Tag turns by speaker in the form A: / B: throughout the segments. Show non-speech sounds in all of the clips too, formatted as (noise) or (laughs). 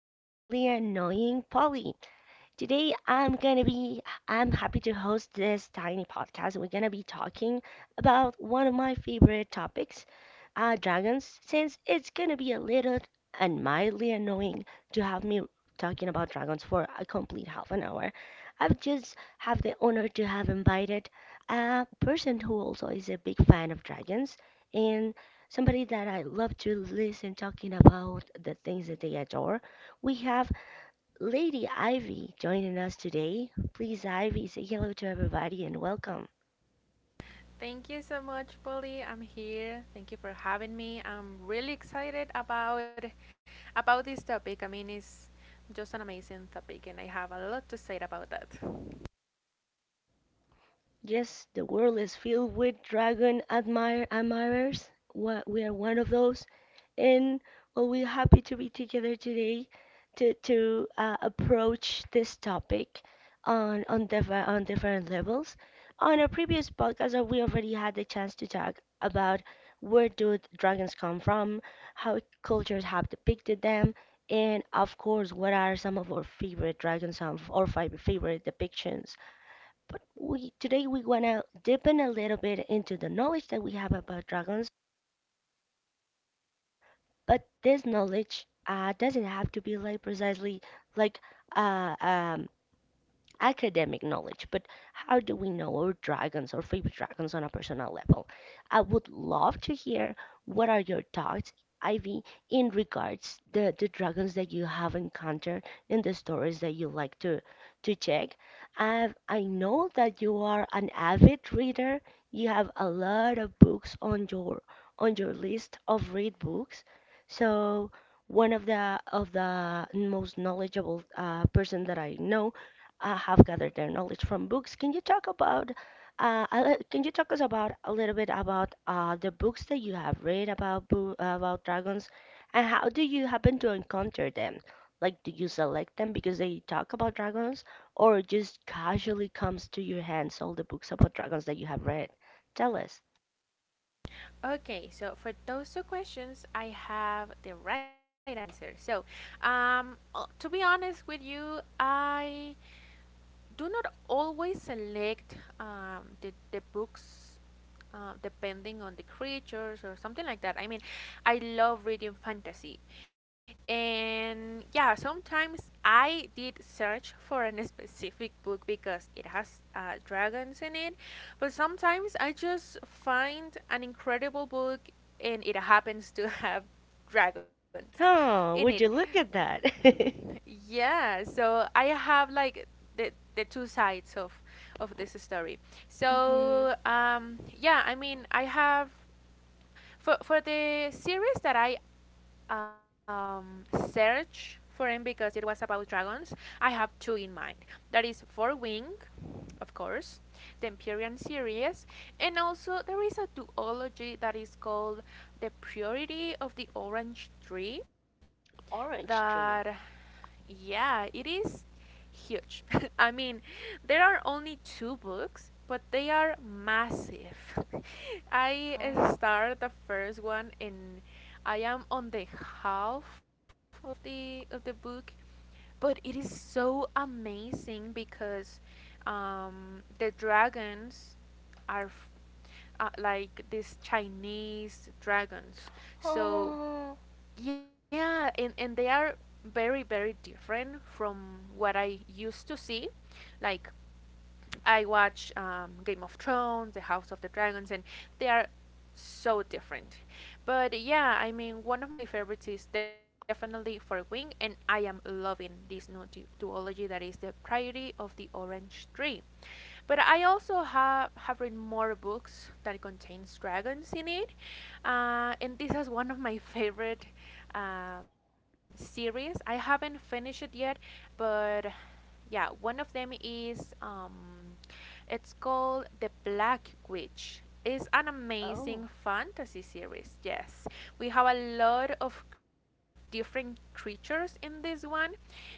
A: your mildly annoying Polly. Today I'm gonna be I'm happy to host this tiny podcast. We're gonna be talking about one of my favorite topics, dragons, since it's gonna be a little and mildly annoying to have me talking about dragons for a complete half an hour. I've just have the honor to have invited a person who also is a big fan of dragons and somebody that I love to listen talking about the things that they adore. We have Lady Ivy joining us today. Please, Ivy, say hello to everybody and welcome.
B: Thank you so much, Polly. I'm here. Thank you for having me. I'm really excited about this topic. I mean, it's just an amazing topic, and I have a lot to say about that.
A: Yes, the world is filled with dragon admirers. We are one of those, and well, we're happy to be together today to approach this topic on different levels. On our previous podcast, we already had the chance to talk about where do dragons come from, how cultures have depicted them, and of course, what are some of our favorite dragons or favorite depictions. But we wanna deepen a little bit into the knowledge that we have about dragons. But this knowledge doesn't have to be like precisely like uh, um, academic knowledge, but how do we know our dragons or favorite dragons on a personal level? I would love to hear what are your thoughts, Ivy, in regards the dragons that you have encountered in the stories that you like to check. I know that you are an avid reader. You have a lot of books on your list of read books. So one of the most knowledgeable person that I know have gathered their knowledge from books. Can you talk us about a little bit about the books that you have read about dragons, and how do you happen to encounter them? Like, do you select them because they talk about dragons, or just casually comes to your hands all the books about dragons that you have read? Tell us.
B: Okay, so for those two questions, I have the right answer. So, to be honest with you, I do not always select the books depending on the creatures or something like that. I mean, I love reading fantasy, and yeah, sometimes I did search for a (laughs) specific book because it has dragons in it, but sometimes I just find an incredible book and it happens to (laughs) have dragons in it.
A: Oh, would you look at that? (laughs)
B: Yeah, so I have like the the two sides of this story.
A: Hmm.
B: So yeah, I mean I have for the series that I search for him because it was about dragons, I have two in mind. That is Four Wing, of course, the Empyrean series, and also there is a duology that is called The Purity of the Orange Tree.
A: Orange tree.
B: That, yeah, it is huge. (laughs) I mean, there are only two books, but they are massive. (laughs) I
A: Oh.
B: started the first one, and I am on the half of the book, but it is so amazing because the dragons are like these Chinese dragons. So
A: Oh.
B: yeah and they are very very different from what I used to see, like I watch Game of Thrones, The House of the Dragons, and they are so different. But yeah, I mean, one of my favorites is definitely For Wing, and I am loving this new duology that is the Priority of the Orange Tree. But I also have read more books that contains dragons in it, and this is one of my (laughs) favorite series. I haven't finished it yet, but yeah, one of them is it's called The Black Witch. It's an
A: Oh.
B: amazing fantasy series. Yes, we have a lot of different creatures in this one,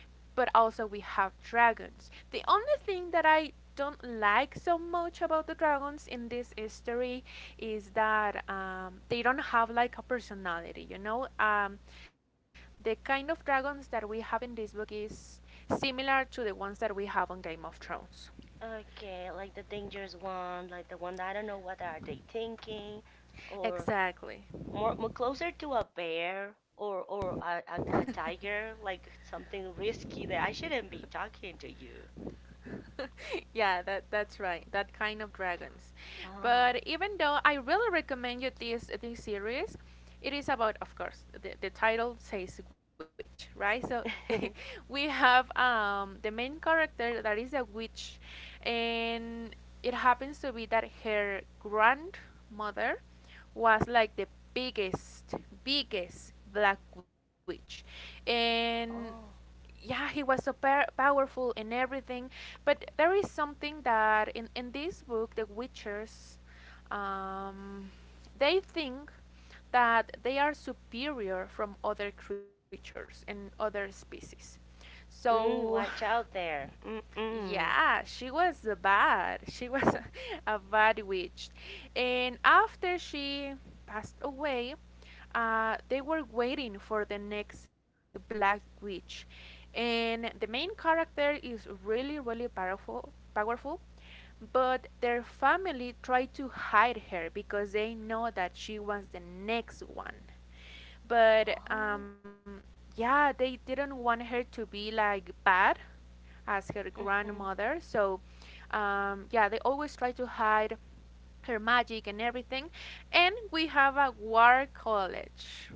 B: but also we have dragons. The only thing that I don't like so much about the dragons in this story is that they don't have like a personality, you know? The kind of dragons that we have in this book is similar to the ones that we have on Game of Thrones.
A: Okay, like the dangerous one, like the one that I don't know what are they thinking, or
B: Exactly.
A: more closer to a bear or a, a tiger, like something risky that I shouldn't be talking to you.
B: (laughs) Yeah, that's right. That kind of dragons. But
A: Oh.
B: even though I really recommend you this series, it is about, of course, the title says witch, right? So (laughs) we
A: (laughs)
B: have the main character that is a witch, and it happens to be that her grandmother was like the biggest, biggest black witch, and
A: Oh.
B: yeah he was so powerful in everything, but there is something that in this book the witchers um, they think that they are superior from other creatures and other species. So
A: Watch out there. Mm-mm.
B: yeah, she was bad. She was (laughs) a bad witch. And after she passed away, they were waiting for the next black witch. And the main character is really, really powerful. Powerful, but their family tried to hide her because they know that she was the next one. But
A: Oh.
B: yeah, they didn't want her to be like bad as her
A: Mm-hmm.
B: grandmother. So yeah, they always try to hide her magic and everything. And we have a war college,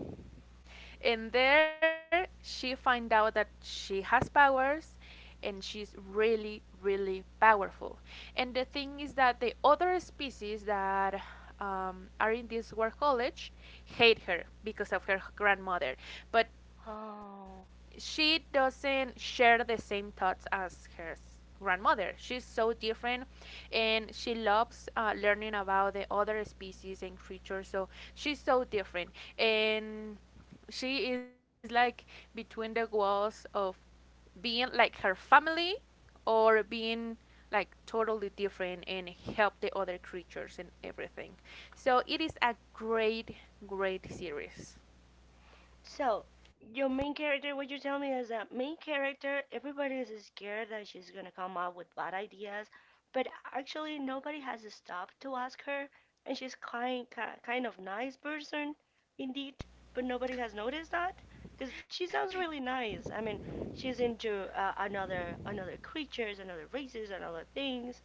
B: and there she finds out that she has powers, and she's really really powerful, and the thing is that the other species that are in this war college hate her because of her grandmother, but
A: Oh.
B: she doesn't share the same thoughts as her grandmother. She's so different, and she loves learning about the other species and creatures. So she's so different, and she is like between the walls of being like her family or being like totally different and help the other creatures and everything. So it is a great, great series.
A: So, your main character, what you tell me is that main character, everybody is scared that she's gonna come up with bad ideas, but actually nobody has stopped to ask her, and she's kind of nice person, indeed, but nobody has noticed that because she sounds really nice. I mean, she's into another creatures, another races, another things.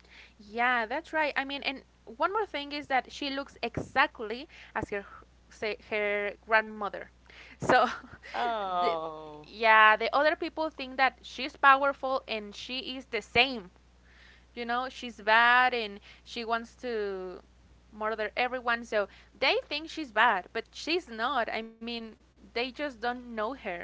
B: Yeah, that's right. I mean, and one more thing is that she looks exactly as her say her grandmother. So, (laughs) the,
A: Oh.
B: yeah, the other people think that she's powerful and she is the same. You know, she's bad and she wants to murder everyone. So they think she's bad, but she's not. I mean, they just don't know her.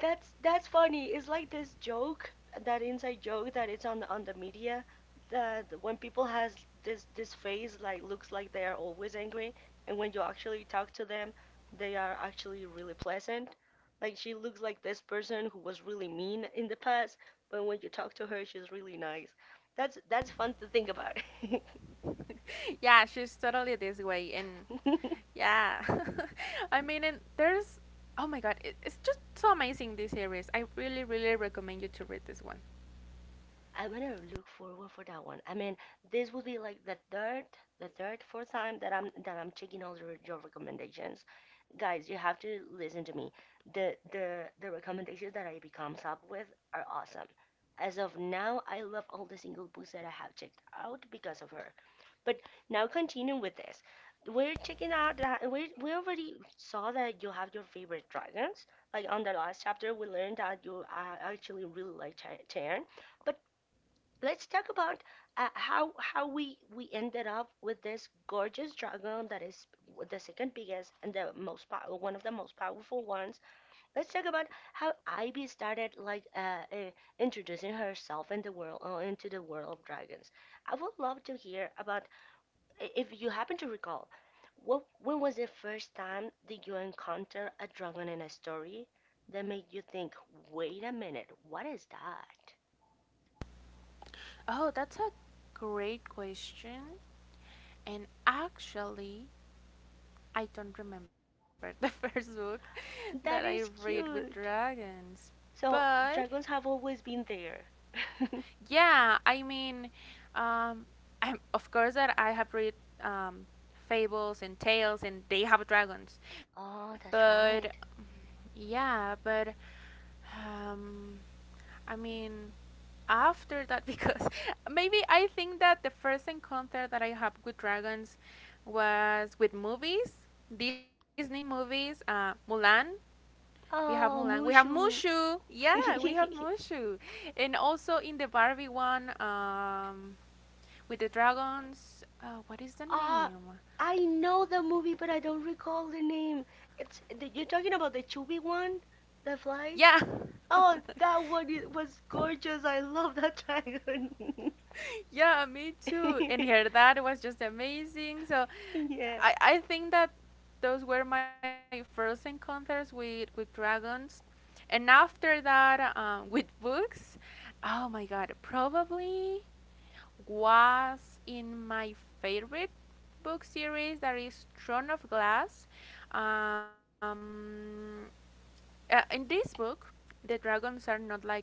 A: That's funny. It's like this joke, that inside joke that it's on the media that when people has this face like looks like they are always angry, and when you actually talk to them, they are actually really pleasant. Like she looks like this person who was really mean in the past, but when you talk to her, she's really nice. That's fun to think about.
B: Yeah, she's totally this way, and
A: (laughs)
B: yeah, (laughs) I mean, and there's oh my god, it's just so amazing this series. I really, really recommend you to read this one.
A: I'm gonna look forward for that one. I mean, this would be like the third, fourth time that I'm checking all your recommendations. Guys, you have to listen to me. The recommendations that I become up with are awesome. As of now, I love all the single books that I have checked out because of her. But now continue with this. We're checking out that we already saw that you have your favorite dragons. Like on the last chapter, we learned that you actually really like Chern. But let's talk about how we ended up with this gorgeous dragon that is the second biggest and one of the most powerful ones. Let's talk about how Ivy started like introducing herself in the world into the world of dragons. I would love to hear about if you happen to recall. When was the first time that you encounter a dragon in a story that made you think, wait a minute, what is that?
B: Oh, that's a great question, and actually, I don't remember the (laughs) first book that I
A: That
B: read
A: is
B: with
A: cute.
B: dragons,
A: So
B: but
A: dragons have always been there.
B: yeah, I mean, um, I of course that I have read um, fables and tales, and they have dragons,
A: Oh, that's
B: but
A: right.
B: yeah, but um, I mean, after that, (laughs) because maybe I think that the first encounter that I had with dragons was with movies, Disney movies, Mulan. We have Mulan.
A: Oh,
B: We have
A: Mushu.
B: Mushu. Yeah, we have
A: (laughs)
B: Mushu. And also in the Barbie one, with the dragons. What is the
A: Ah,
B: name?
A: I know the movie, but I don't recall the name. You're talking about the chubby one that flies?
B: Yeah.
A: Oh, that one was gorgeous. I love that dragon.
B: (laughs) Yeah, me too. And
A: (laughs)
B: her dad was just amazing. So
A: Yeah.
B: I think that those were my first encounters with dragons. And after that, with books, oh my god, probably was in my favorite book series that is Throne of Glass. Um, in this book, the dragons are not like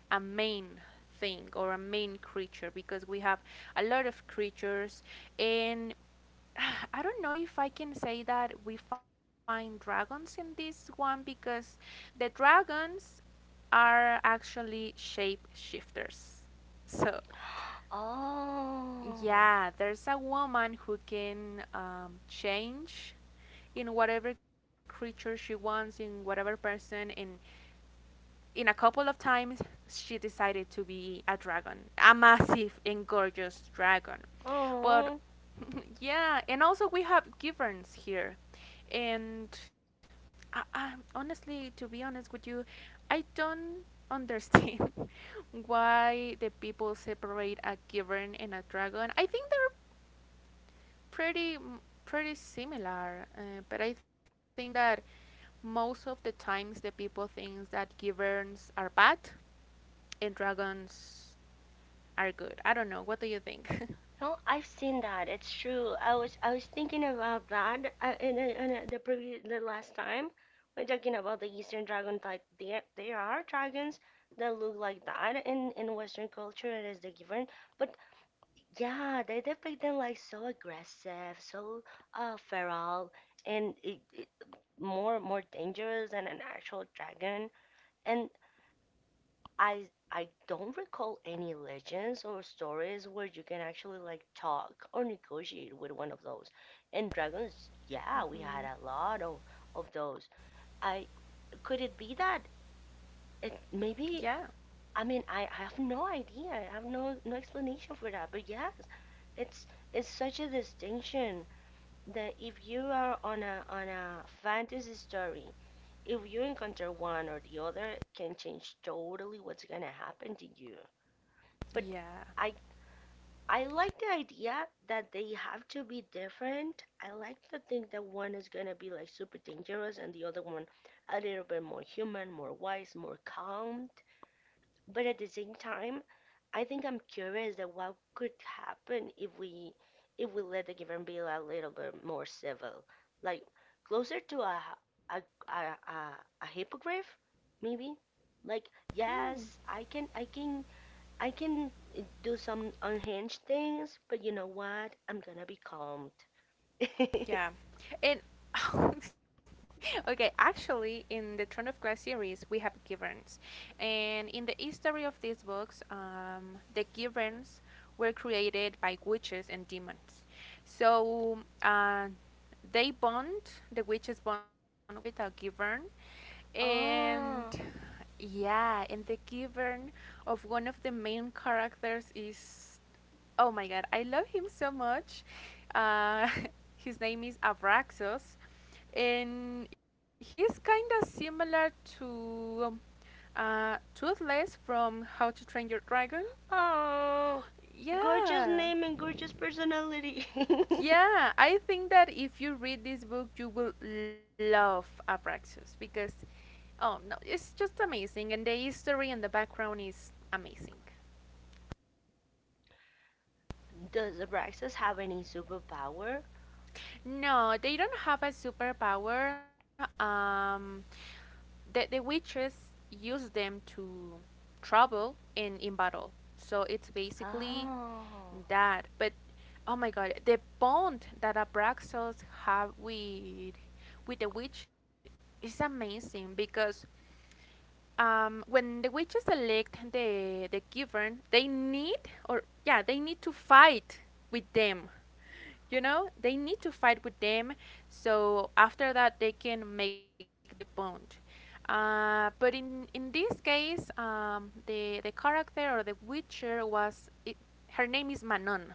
B: a main thing or a main creature because we have a lot of creatures, and (sighs) I don't know if I can say that we find dragons in this one because the dragons are actually shape shifters. So
A: Oh.
B: yeah, there's a woman who can change in whatever creature she wants, in whatever person, and in a couple of times she decided to be a dragon, a massive and gorgeous dragon. But
A: Oh.
B: (laughs) yeah, and also we have Giverns here, and I, honestly, to be honest with you, I don't understand (laughs) why the people separate a Givern and a dragon. I think they're pretty pretty similar, but I think that most of the times the people think that Giverns are bad and dragons are good. I don't know. What do you think? (laughs)
A: No, I've seen that. It's true. I was thinking about that the last time when talking about the Eastern dragon. Like there are dragons that look like that in Western culture. It is the given, but yeah, they depict them like so aggressive, so feral, and more dangerous than an actual dragon. And I don't recall any legends or stories where you can actually like talk or negotiate with one of those. And dragons, yeah, we had
B: hmm
A: a lot of those. I Could it be that it
B: Yeah.
A: maybe, I mean, I have no idea. I have no explanation for that. But yes, it's it's such a distinction that if you are on a fantasy story, if you encounter one or the other, can change totally what's gonna happen to you, but
B: Yeah.
A: I I like the idea that they have to be different. I like to think that one is gonna be like super dangerous and the other one a little bit more human, more wise, more calm. But at the same time, I think I'm curious that what could happen if we let the given be a little bit more civil, like closer to a a, a, a hippogriff, maybe. Like
B: Mm.
A: yes, I can do some unhinged things, but you know what? I'm gonna be calmed. (laughs)
B: Yeah. And (laughs) okay, actually, in the Throne of Glass series, we have Giverns. And in the history of these books, the Giverns were created by witches and demons. So they bond, the witches bond with a Givern. And
A: Oh,
B: yeah, and the Givern of one of the main characters is oh my god, I love him so much. Uh, (laughs) his name is Avraxos, and he's kind of similar to Toothless from How to Train Your Dragon.
A: oh, gorgeous
B: Yeah,
A: name and gorgeous personality. (laughs)
B: yeah, I think that if you read this book, you will love Avraxos because, oh no, it's just amazing, and the history and the background is amazing.
A: Does Abraxas have any superpower?
B: No, they don't have a superpower. That the witches use them to travel and in battle. So it's basically
A: Oh,
B: that. But oh my god, the bond that Abraxas have with the witch is amazing because when the witches elect the given, they need or yeah, they need to fight with them. You know, they need to fight with them, so after that they can make the bond. But in this case the character or the witcher was it, her name is Manon.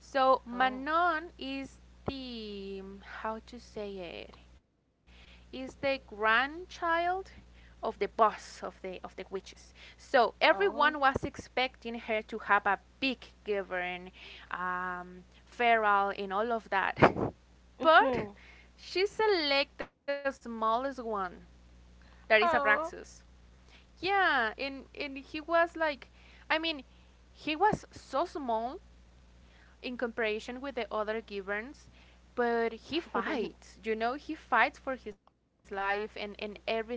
B: So
A: oh,
B: Manon is the how to say it is the grandchild of the boss of the witches. So
A: oh,
B: everyone was expecting her to have a big given, feral and all of that. (laughs) But
A: mm-hmm.
B: she selected the smallest one, that is Abraxas.
A: Oh.
B: Yeah, and he was like I mean he was so small in comparison with the other Gibbons, but he
A: (laughs)
B: fights. You know, he fights for his life and everything. And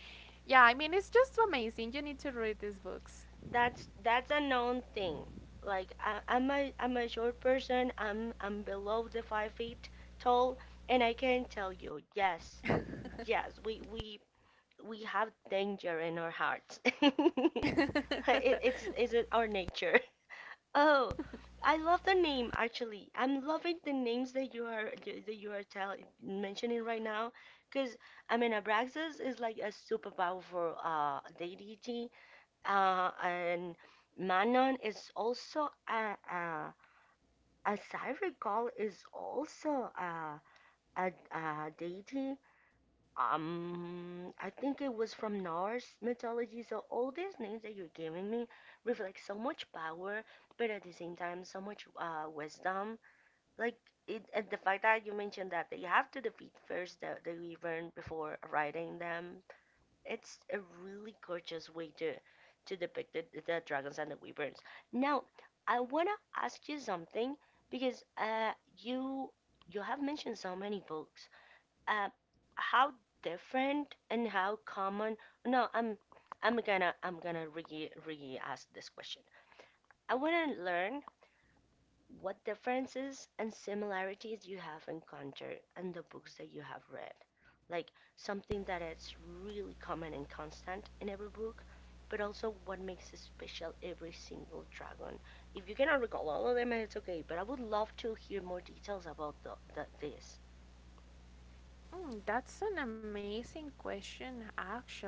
B: yeah, I mean, it's just so amazing. You need to read these books.
A: That's a known thing. Like I'm a short person. I'm below the 5 feet tall, and I can tell you, yes, yes, we have danger in our hearts. (laughs) It,
B: (laughs)
A: it's is it our nature? Oh, I love the name actually. I'm loving the names that you are telling mentioning right now, because I mean Abraxas is like a super powerful deity, and Manon is also a as I recall is also a deity. I think it was from Norse mythology. So all these names that you're giving me reflect so much power, but at the same time, so much wisdom. Like and the fact that you mentioned that they have to defeat first the wyvern before riding them. It's a really gorgeous way to depict the dragons and the wyverns. Now, I wanna ask you something because you you have mentioned so many books, uh, how different and how common. No, I'm gonna re ask this question. I want to learn what differences and similarities you have encountered in the books that you have read, like something that is really common and constant in every book, but also what makes it special every single dragon. If you cannot recall all of them, it's okay, but I would love to hear more details about this.
B: Mm, that's an amazing question, actually.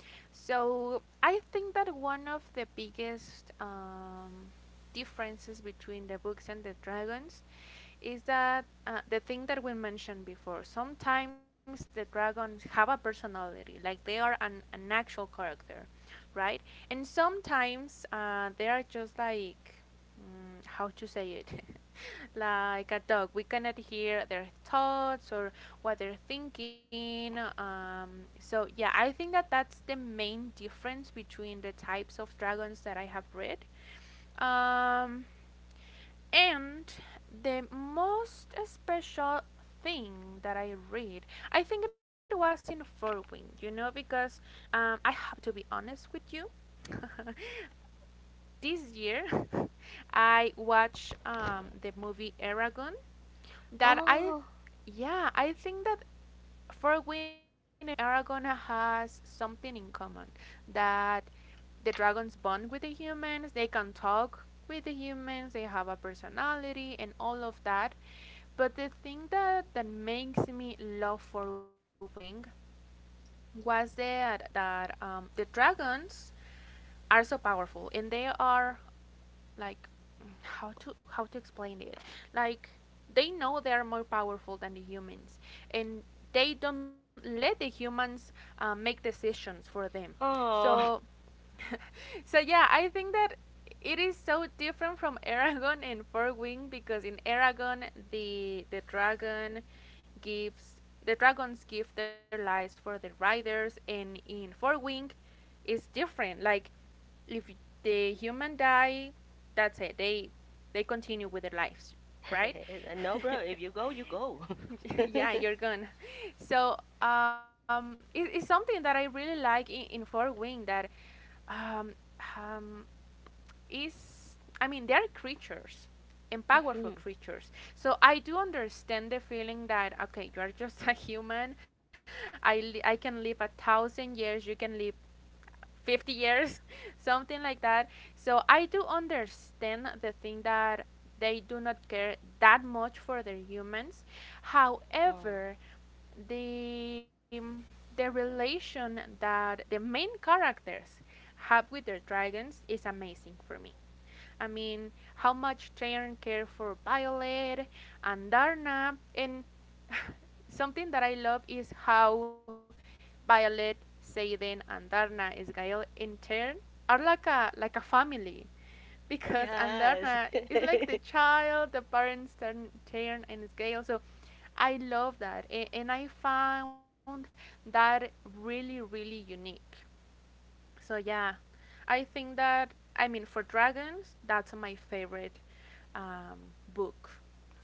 B: So I think that one of the biggest differences between the books and the dragons is that the thing that we mentioned before sometimes the dragons have a personality, like they are an actual character, right, and sometimes they are just like mm, how to say it (laughs) like a dog. We cannot hear their thoughts or what they're thinking. So yeah, I think that that's the main difference between the types of dragons that I have read. um, and the most special thing that I read, I think it was in Forwing, you know, because I have to be honest with you. (laughs) This year, (laughs) I watched the movie Eragon, that I,
A: Oh.
B: yeah, I think that Forwin and Aragona has something in common. That the dragons bond with the humans, they can talk with the humans, they have a personality and all of that. But the thing that makes me love Forwing was that the dragons are so powerful and they are like how to explain it, like they know they are more powerful than the humans, and they don't let the humans make decisions for them. So
A: Oh,
B: (laughs) yeah, I think that it is so different from (laughs) Aragon and Four Wing because in Aragon the dragon gives, the dragons give their lives for the riders, and in Four Wing is different. Like, if the human die, that's it. They continue with their lives, right?
A: (laughs) No, bro.
B: (laughs)
A: If you go, you go.
B: (laughs)
A: (laughs)
B: yeah, you're gone. So it's something that I really like in Four Wing. That um, um, is, I mean, they are creatures and powerful
A: Mhm.
B: creatures. So I do understand the feeling that, okay, you are just (laughs) a human. I, I can live a thousand years, you can live 50 years, (laughs) something like that. So I do understand the thing that they do not care that much for their humans.
A: Oh.
B: However, the relation that the main characters have with their dragons is amazing for me. I mean, how much Tyrion care for Violet and Darna, and (laughs) something that I love is how Violet, Seiden, and Darna Isgail in turn are like a family, because
A: Yes.
B: Andarna is like
A: (laughs)
B: the child, the parents turn and Isgael. So I love that, and I found that really really unique. So yeah, I think that, I mean, for dragons, that's my favorite um, book,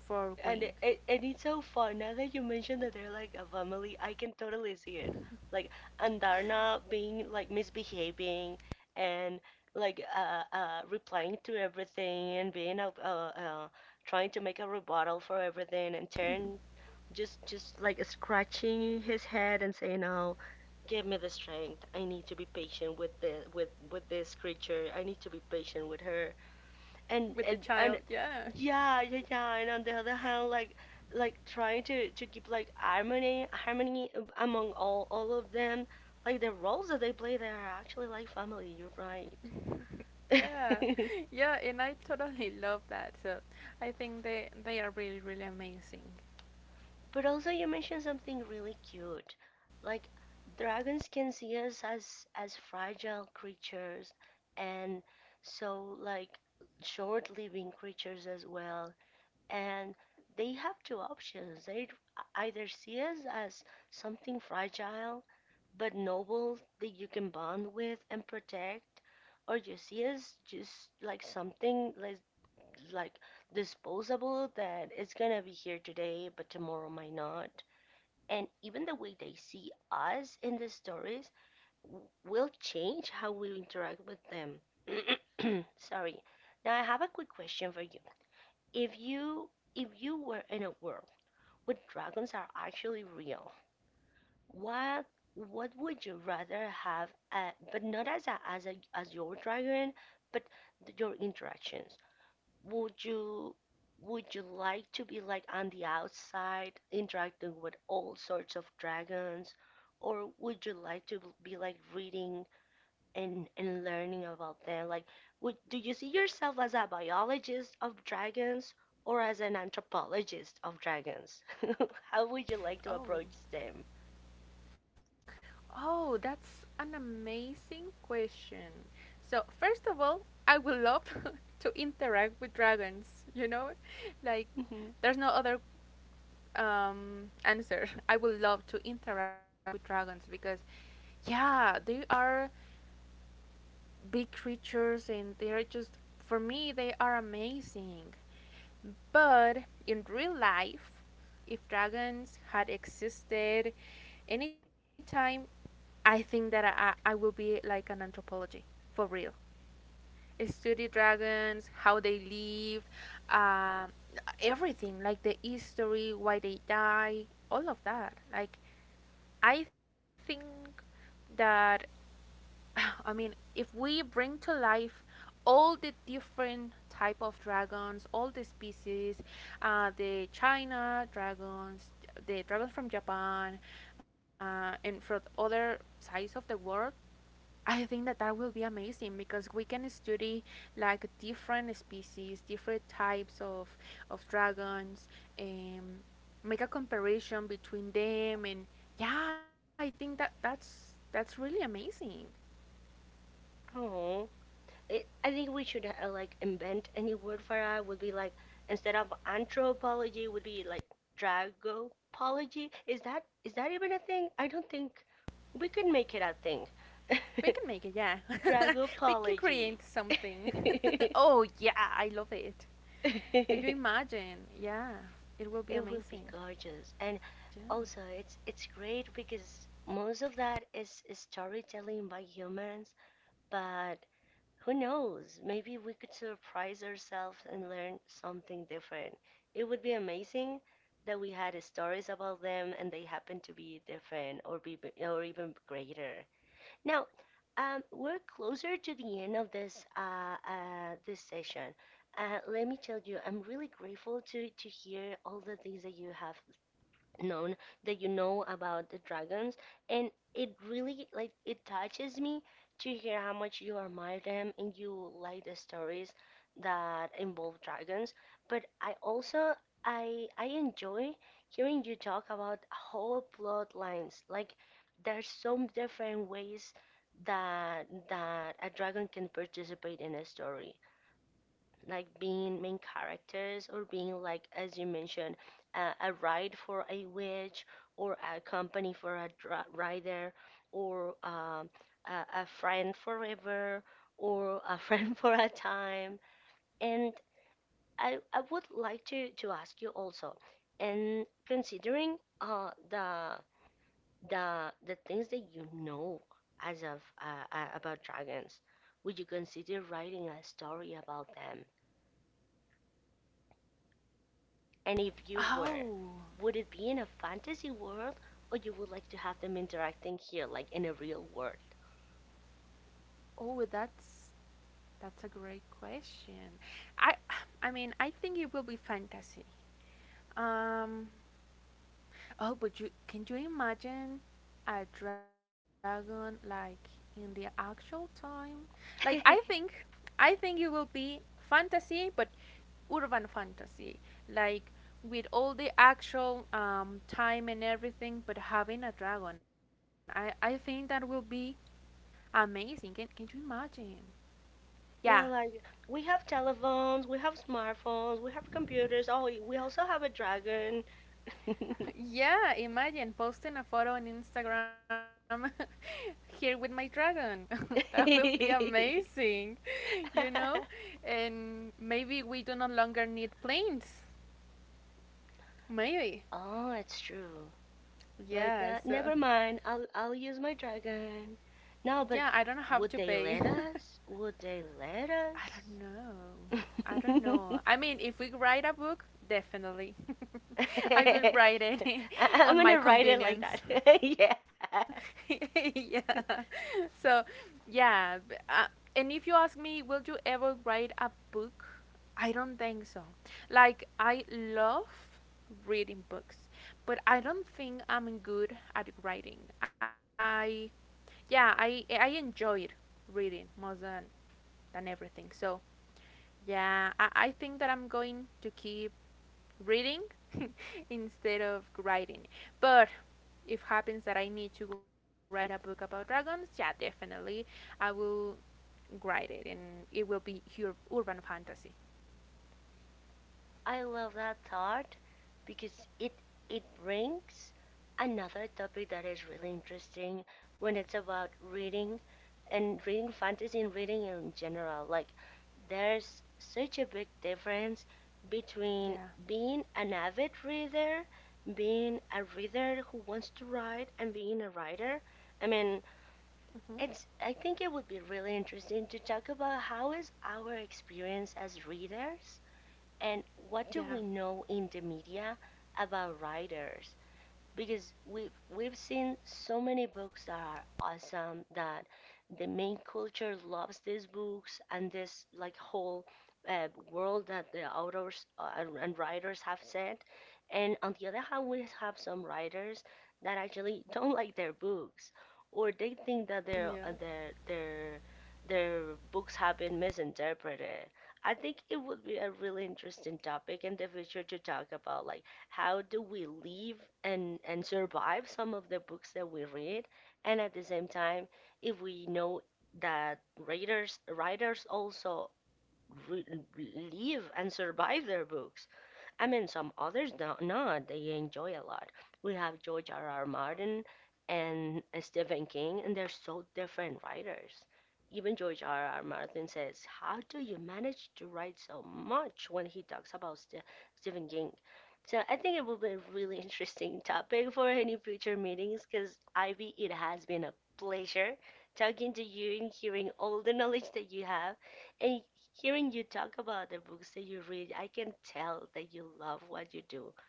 B: for
A: and
B: Wing.
A: it, it, and it's so fun now that you mentioned that they're like a family. I can totally see it, like Andarna being like misbehaving and like replying to everything and being trying to make a rebuttal for everything, and turn just like scratching his head and saying no, give me the strength, I need to be patient with the with this creature, I need to be patient with her.
B: With the
A: and
B: child.
A: and and
B: Yeah.
A: yeah, yeah, yeah, and on the other hand, like trying to keep like harmony among all of them, like the roles that they play, they are actually like family, you're right.
B: Yeah, yeah, and I totally love that. So I think they are really really amazing.
A: (laughs) But also you mentioned something really cute, like dragons can see us as fragile creatures, and so like short living creatures as well, and they have two options. They either see us as something fragile but noble that you can bond with and protect, or you see us just like something like disposable that it's gonna be here today but tomorrow might not. And even the way they see us in the stories will change how we interact with them. (clears throat) Sorry. Now I have a quick question for you. If you if you were in a world where dragons are actually real, what what would you rather have? But not as a, as your dragon, but your interactions. Would you would you like to be like on the outside, interacting with all sorts of dragons, or would you like to be like reading and learning about them. Like, would do you see yourself as a biologist of dragons or as an anthropologist of dragons? (laughs) How would you like to approach
B: Oh,
A: them?
B: oh, that's an amazing question. So first of all, I would love (laughs) to interact with dragons. You know, like,
A: Hmm
B: there's no other answer. (laughs) I would love to interact with dragons because yeah, they are big creatures and they are just, for me, they are amazing. But in real life, if dragons had existed anytime, I think that I will be like an anthropology, for real, study dragons, how they live, um, everything, like the history, why they die, all of that. Like, I think that (sighs) (laughs) I mean, if we bring to life all the different type of dragons, all the species, the China dragons, the dragons from Japan, and from other sides of the world, I think that that will be amazing because we can study like different species, different types of dragons, and make a comparison between them. And yeah, I think that that's really amazing.
A: Oh, I think we should like invent a new word for it. Would be like instead of anthropology, would be like dragopology. Is that even a thing? I don't think we can make it a thing.
B: We can make it, yeah.
A: (laughs)
B: (laughs) we can create
A: Dragopology.
B: something. (laughs) oh, yeah, I love it. Do you
A: (laughs)
B: imagine? Yeah, it will be
A: It will be
B: amazing.
A: gorgeous. And
B: Yeah.
A: also it's great because most of that is storytelling by humans, but who knows? Maybe we could surprise ourselves and learn something different. It would be amazing that we had stories about them and they happen to be different or be or even greater. Now, we're closer to the end of this this session. Let me tell you, I'm really grateful to hear all the things that you have known that you know about the dragons, and it really like it touches me to hear how much you admire them and you like the stories that involve dragons, but I also I enjoy hearing you talk about whole plot lines. Like, there's some different ways that that a dragon can participate in a story, like being main characters or being, like as you mentioned, a ride for a witch, or a company for a rider, or a friend forever, or a (laughs) friend for a time. And I would like to ask you also, and considering the the things that you know as of about dragons, would you consider writing a story about them? And if you were,
B: Oh,
A: would it be in a fantasy world, or you would like to have them interacting here, like in a real world?
B: oh, that's a great question. I, I mean, I think it will be fantasy. Um, Oh, but you can you imagine a dragon like in the actual time? Like, I think,
A: (laughs)
B: I think it will be fantasy but urban fantasy. Like, with all the actual time and everything but having a dragon. I think that will be amazing. Can you imagine? Yeah.
A: Yeah, like we have telephones, we have smartphones, we have computers. Oh, we also have a dragon. (laughs)
B: Yeah, imagine posting a photo on Instagram (laughs) here with my dragon. (laughs) that will be amazing, (laughs) you know? And maybe we do no longer need planes. Maybe.
A: Oh, it's true. Like
B: Yeah,
A: that.
B: so
A: Never mind. I'll use my dragon.
B: yeah, I don't
A: No, but
B: have to pay.
A: would
B: (laughs)
A: they let us? Would they
B: I
A: let
B: don't know. I
A: us?
B: don't know. I mean,
A: (laughs)
B: if we write a book, definitely.
A: (laughs)
B: (laughs) I will
A: I-
B: write it (laughs) on
A: I'm
B: my
A: gonna write it like that.
B: convenience.
A: (laughs) Yeah.
B: (laughs) yeah. So, yeah. And if you ask me, will you ever write a book? I don't think so. Like, I love reading books, but I don't think I'm good at writing. I, yeah, I enjoyed reading more than and everything. So, yeah, I think that I'm going to keep reading (laughs) instead of writing. But if happens that I need to write a book about dragons, yeah, definitely I will write it, and it will be urban fantasy.
A: I love that thought because it brings another topic that is really interesting when it's about reading and reading fantasy and reading in general. Like there's such a big difference between
B: Yeah.
A: being an avid reader, being a reader who wants to write, and being a writer. I mean,
B: Hmm.
A: it's I think it would be really interesting to talk about how is our experience as readers and what do we
B: Yeah.
A: know in the media about writers, because we've seen so many books that are awesome, that the main culture loves these books and this like whole world that the authors and writers have set. And on the other hand, we have some writers that actually (laughs) don't like their books, or they think that their
B: Yeah.
A: their their books have been misinterpreted. I think it would be a really interesting topic in the future to talk about, like, how do we live and survive some of the books that we read, and at the same time, if we know that writers also re- live and survive their books. I mean, some others don't not. They enjoy a lot. We have George R. R. Martin and Stephen King, and they're so different writers. Even George R. R. Martin says, "How do you manage to write so much?" when he talks about Stephen King. So I think it will be a really (laughs) interesting topic for any future meetings. Because, Ivy, it has been a pleasure talking to you and hearing all the knowledge that you have. And hearing you talk about the books that you read, I can tell that you love what you do. (laughs)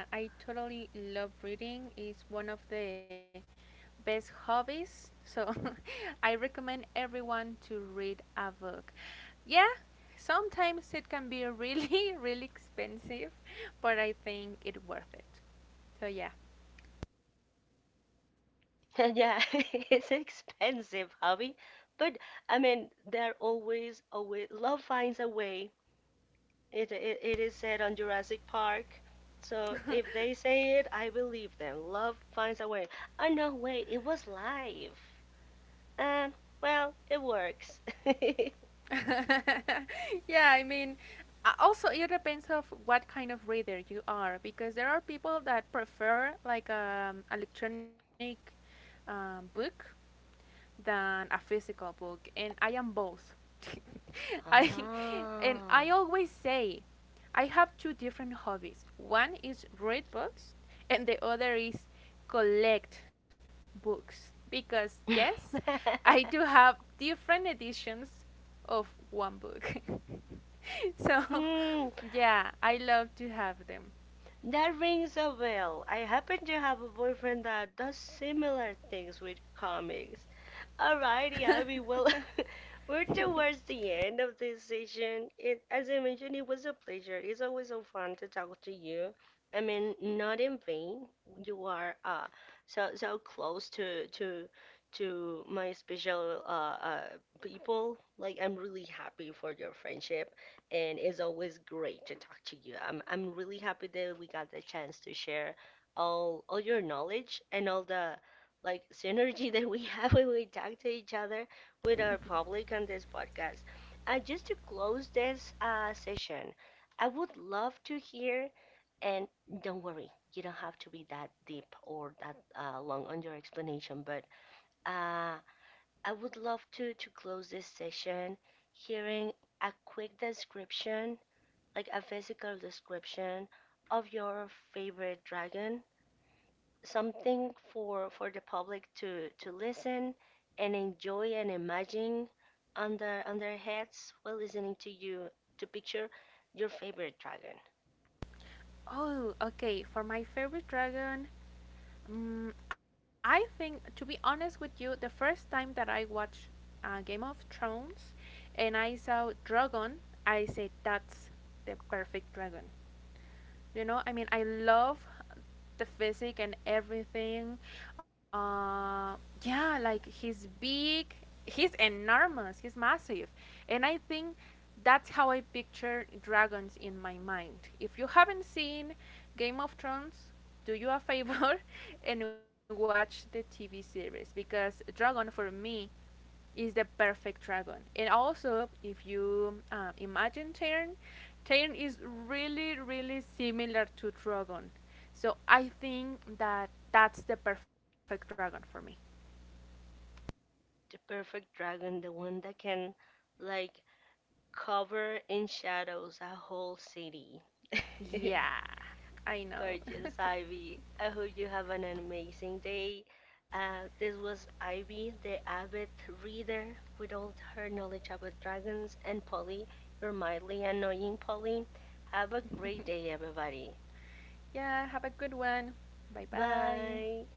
B: Yeah, I totally love reading. It's one of the best hobbies. So (laughs) I recommend everyone to read a book. Yeah, sometimes it can be really, (laughs) really expensive, but I think it worth it. So yeah.
A: Yeah, (laughs) it's an expensive hobby, but I mean, there always a way. Love finds a way. It is said on Jurassic Park. So if they say it, I believe them. Love finds a way. Oh no, wait, it was live. Um, well, it works.
B: (laughs) yeah, I mean, also it depends of what kind of reader you are, because there are people that prefer like electronic book than a physical book, and I am both. (laughs)
A: (laughs)
B: I and
A: Ah.
B: I always say I have two different hobbies. One is read books, and the other is collect books. Because, yes, I do
A: (laughs)
B: have different editions of one book. (laughs) so,
A: Hmm,
B: yeah, I love to have them.
A: that rings a bell. I happen to have a boyfriend that does similar things with comics. Alrighty, Abby. Well,
B: (laughs)
A: (laughs) we're towards the end of this session. It, as I mentioned, it was a pleasure. It's always so fun to talk to you. I mean, not in vain. You are so close to my special uh people. Like, I'm really happy for your friendship, and it's always great to talk to you. I'm really happy that we got the chance to share all your knowledge and all the like synergy that we (laughs) have when we talk to each other with our public on this podcast. And just to close this session, I would love to hear, and don't worry, you don't have to be that deep or that long on your explanation, but uh, I would love to close this session hearing a quick description, like a physical description of your favorite dragon, something for the public to listen and enjoy and imagine on their heads while listening to you, to picture your favorite dragon.
B: oh, okay. For my favorite dragon, mm, I think, to be honest with you, the first time that I watched Game of Thrones and I saw dragon, I said that's the perfect dragon. You know, I mean, I love the physique and everything. uh yeah, like, he's big, he's enormous, he's massive, and I think that's how I picture dragons in my mind. If you haven't seen Game of Thrones, do you a favor (laughs) and watch the TV series, because dragon for me is the perfect dragon. And also, if you imagine Tern, Tern is really, really similar to dragon. So I think that that's the perfect dragon for me.
A: The perfect dragon, the one that can like cover in shadows a whole city. (laughs)
B: Yeah, I know. (laughs)
A: Gorgeous, Ivy. I hope you have an amazing day. This was Ivy, the avid reader, with all her knowledge about dragons, and Polly, your mildly annoying Polly. Have a great day, everybody.
B: Yeah, have a good one. Bye bye.
A: Bye.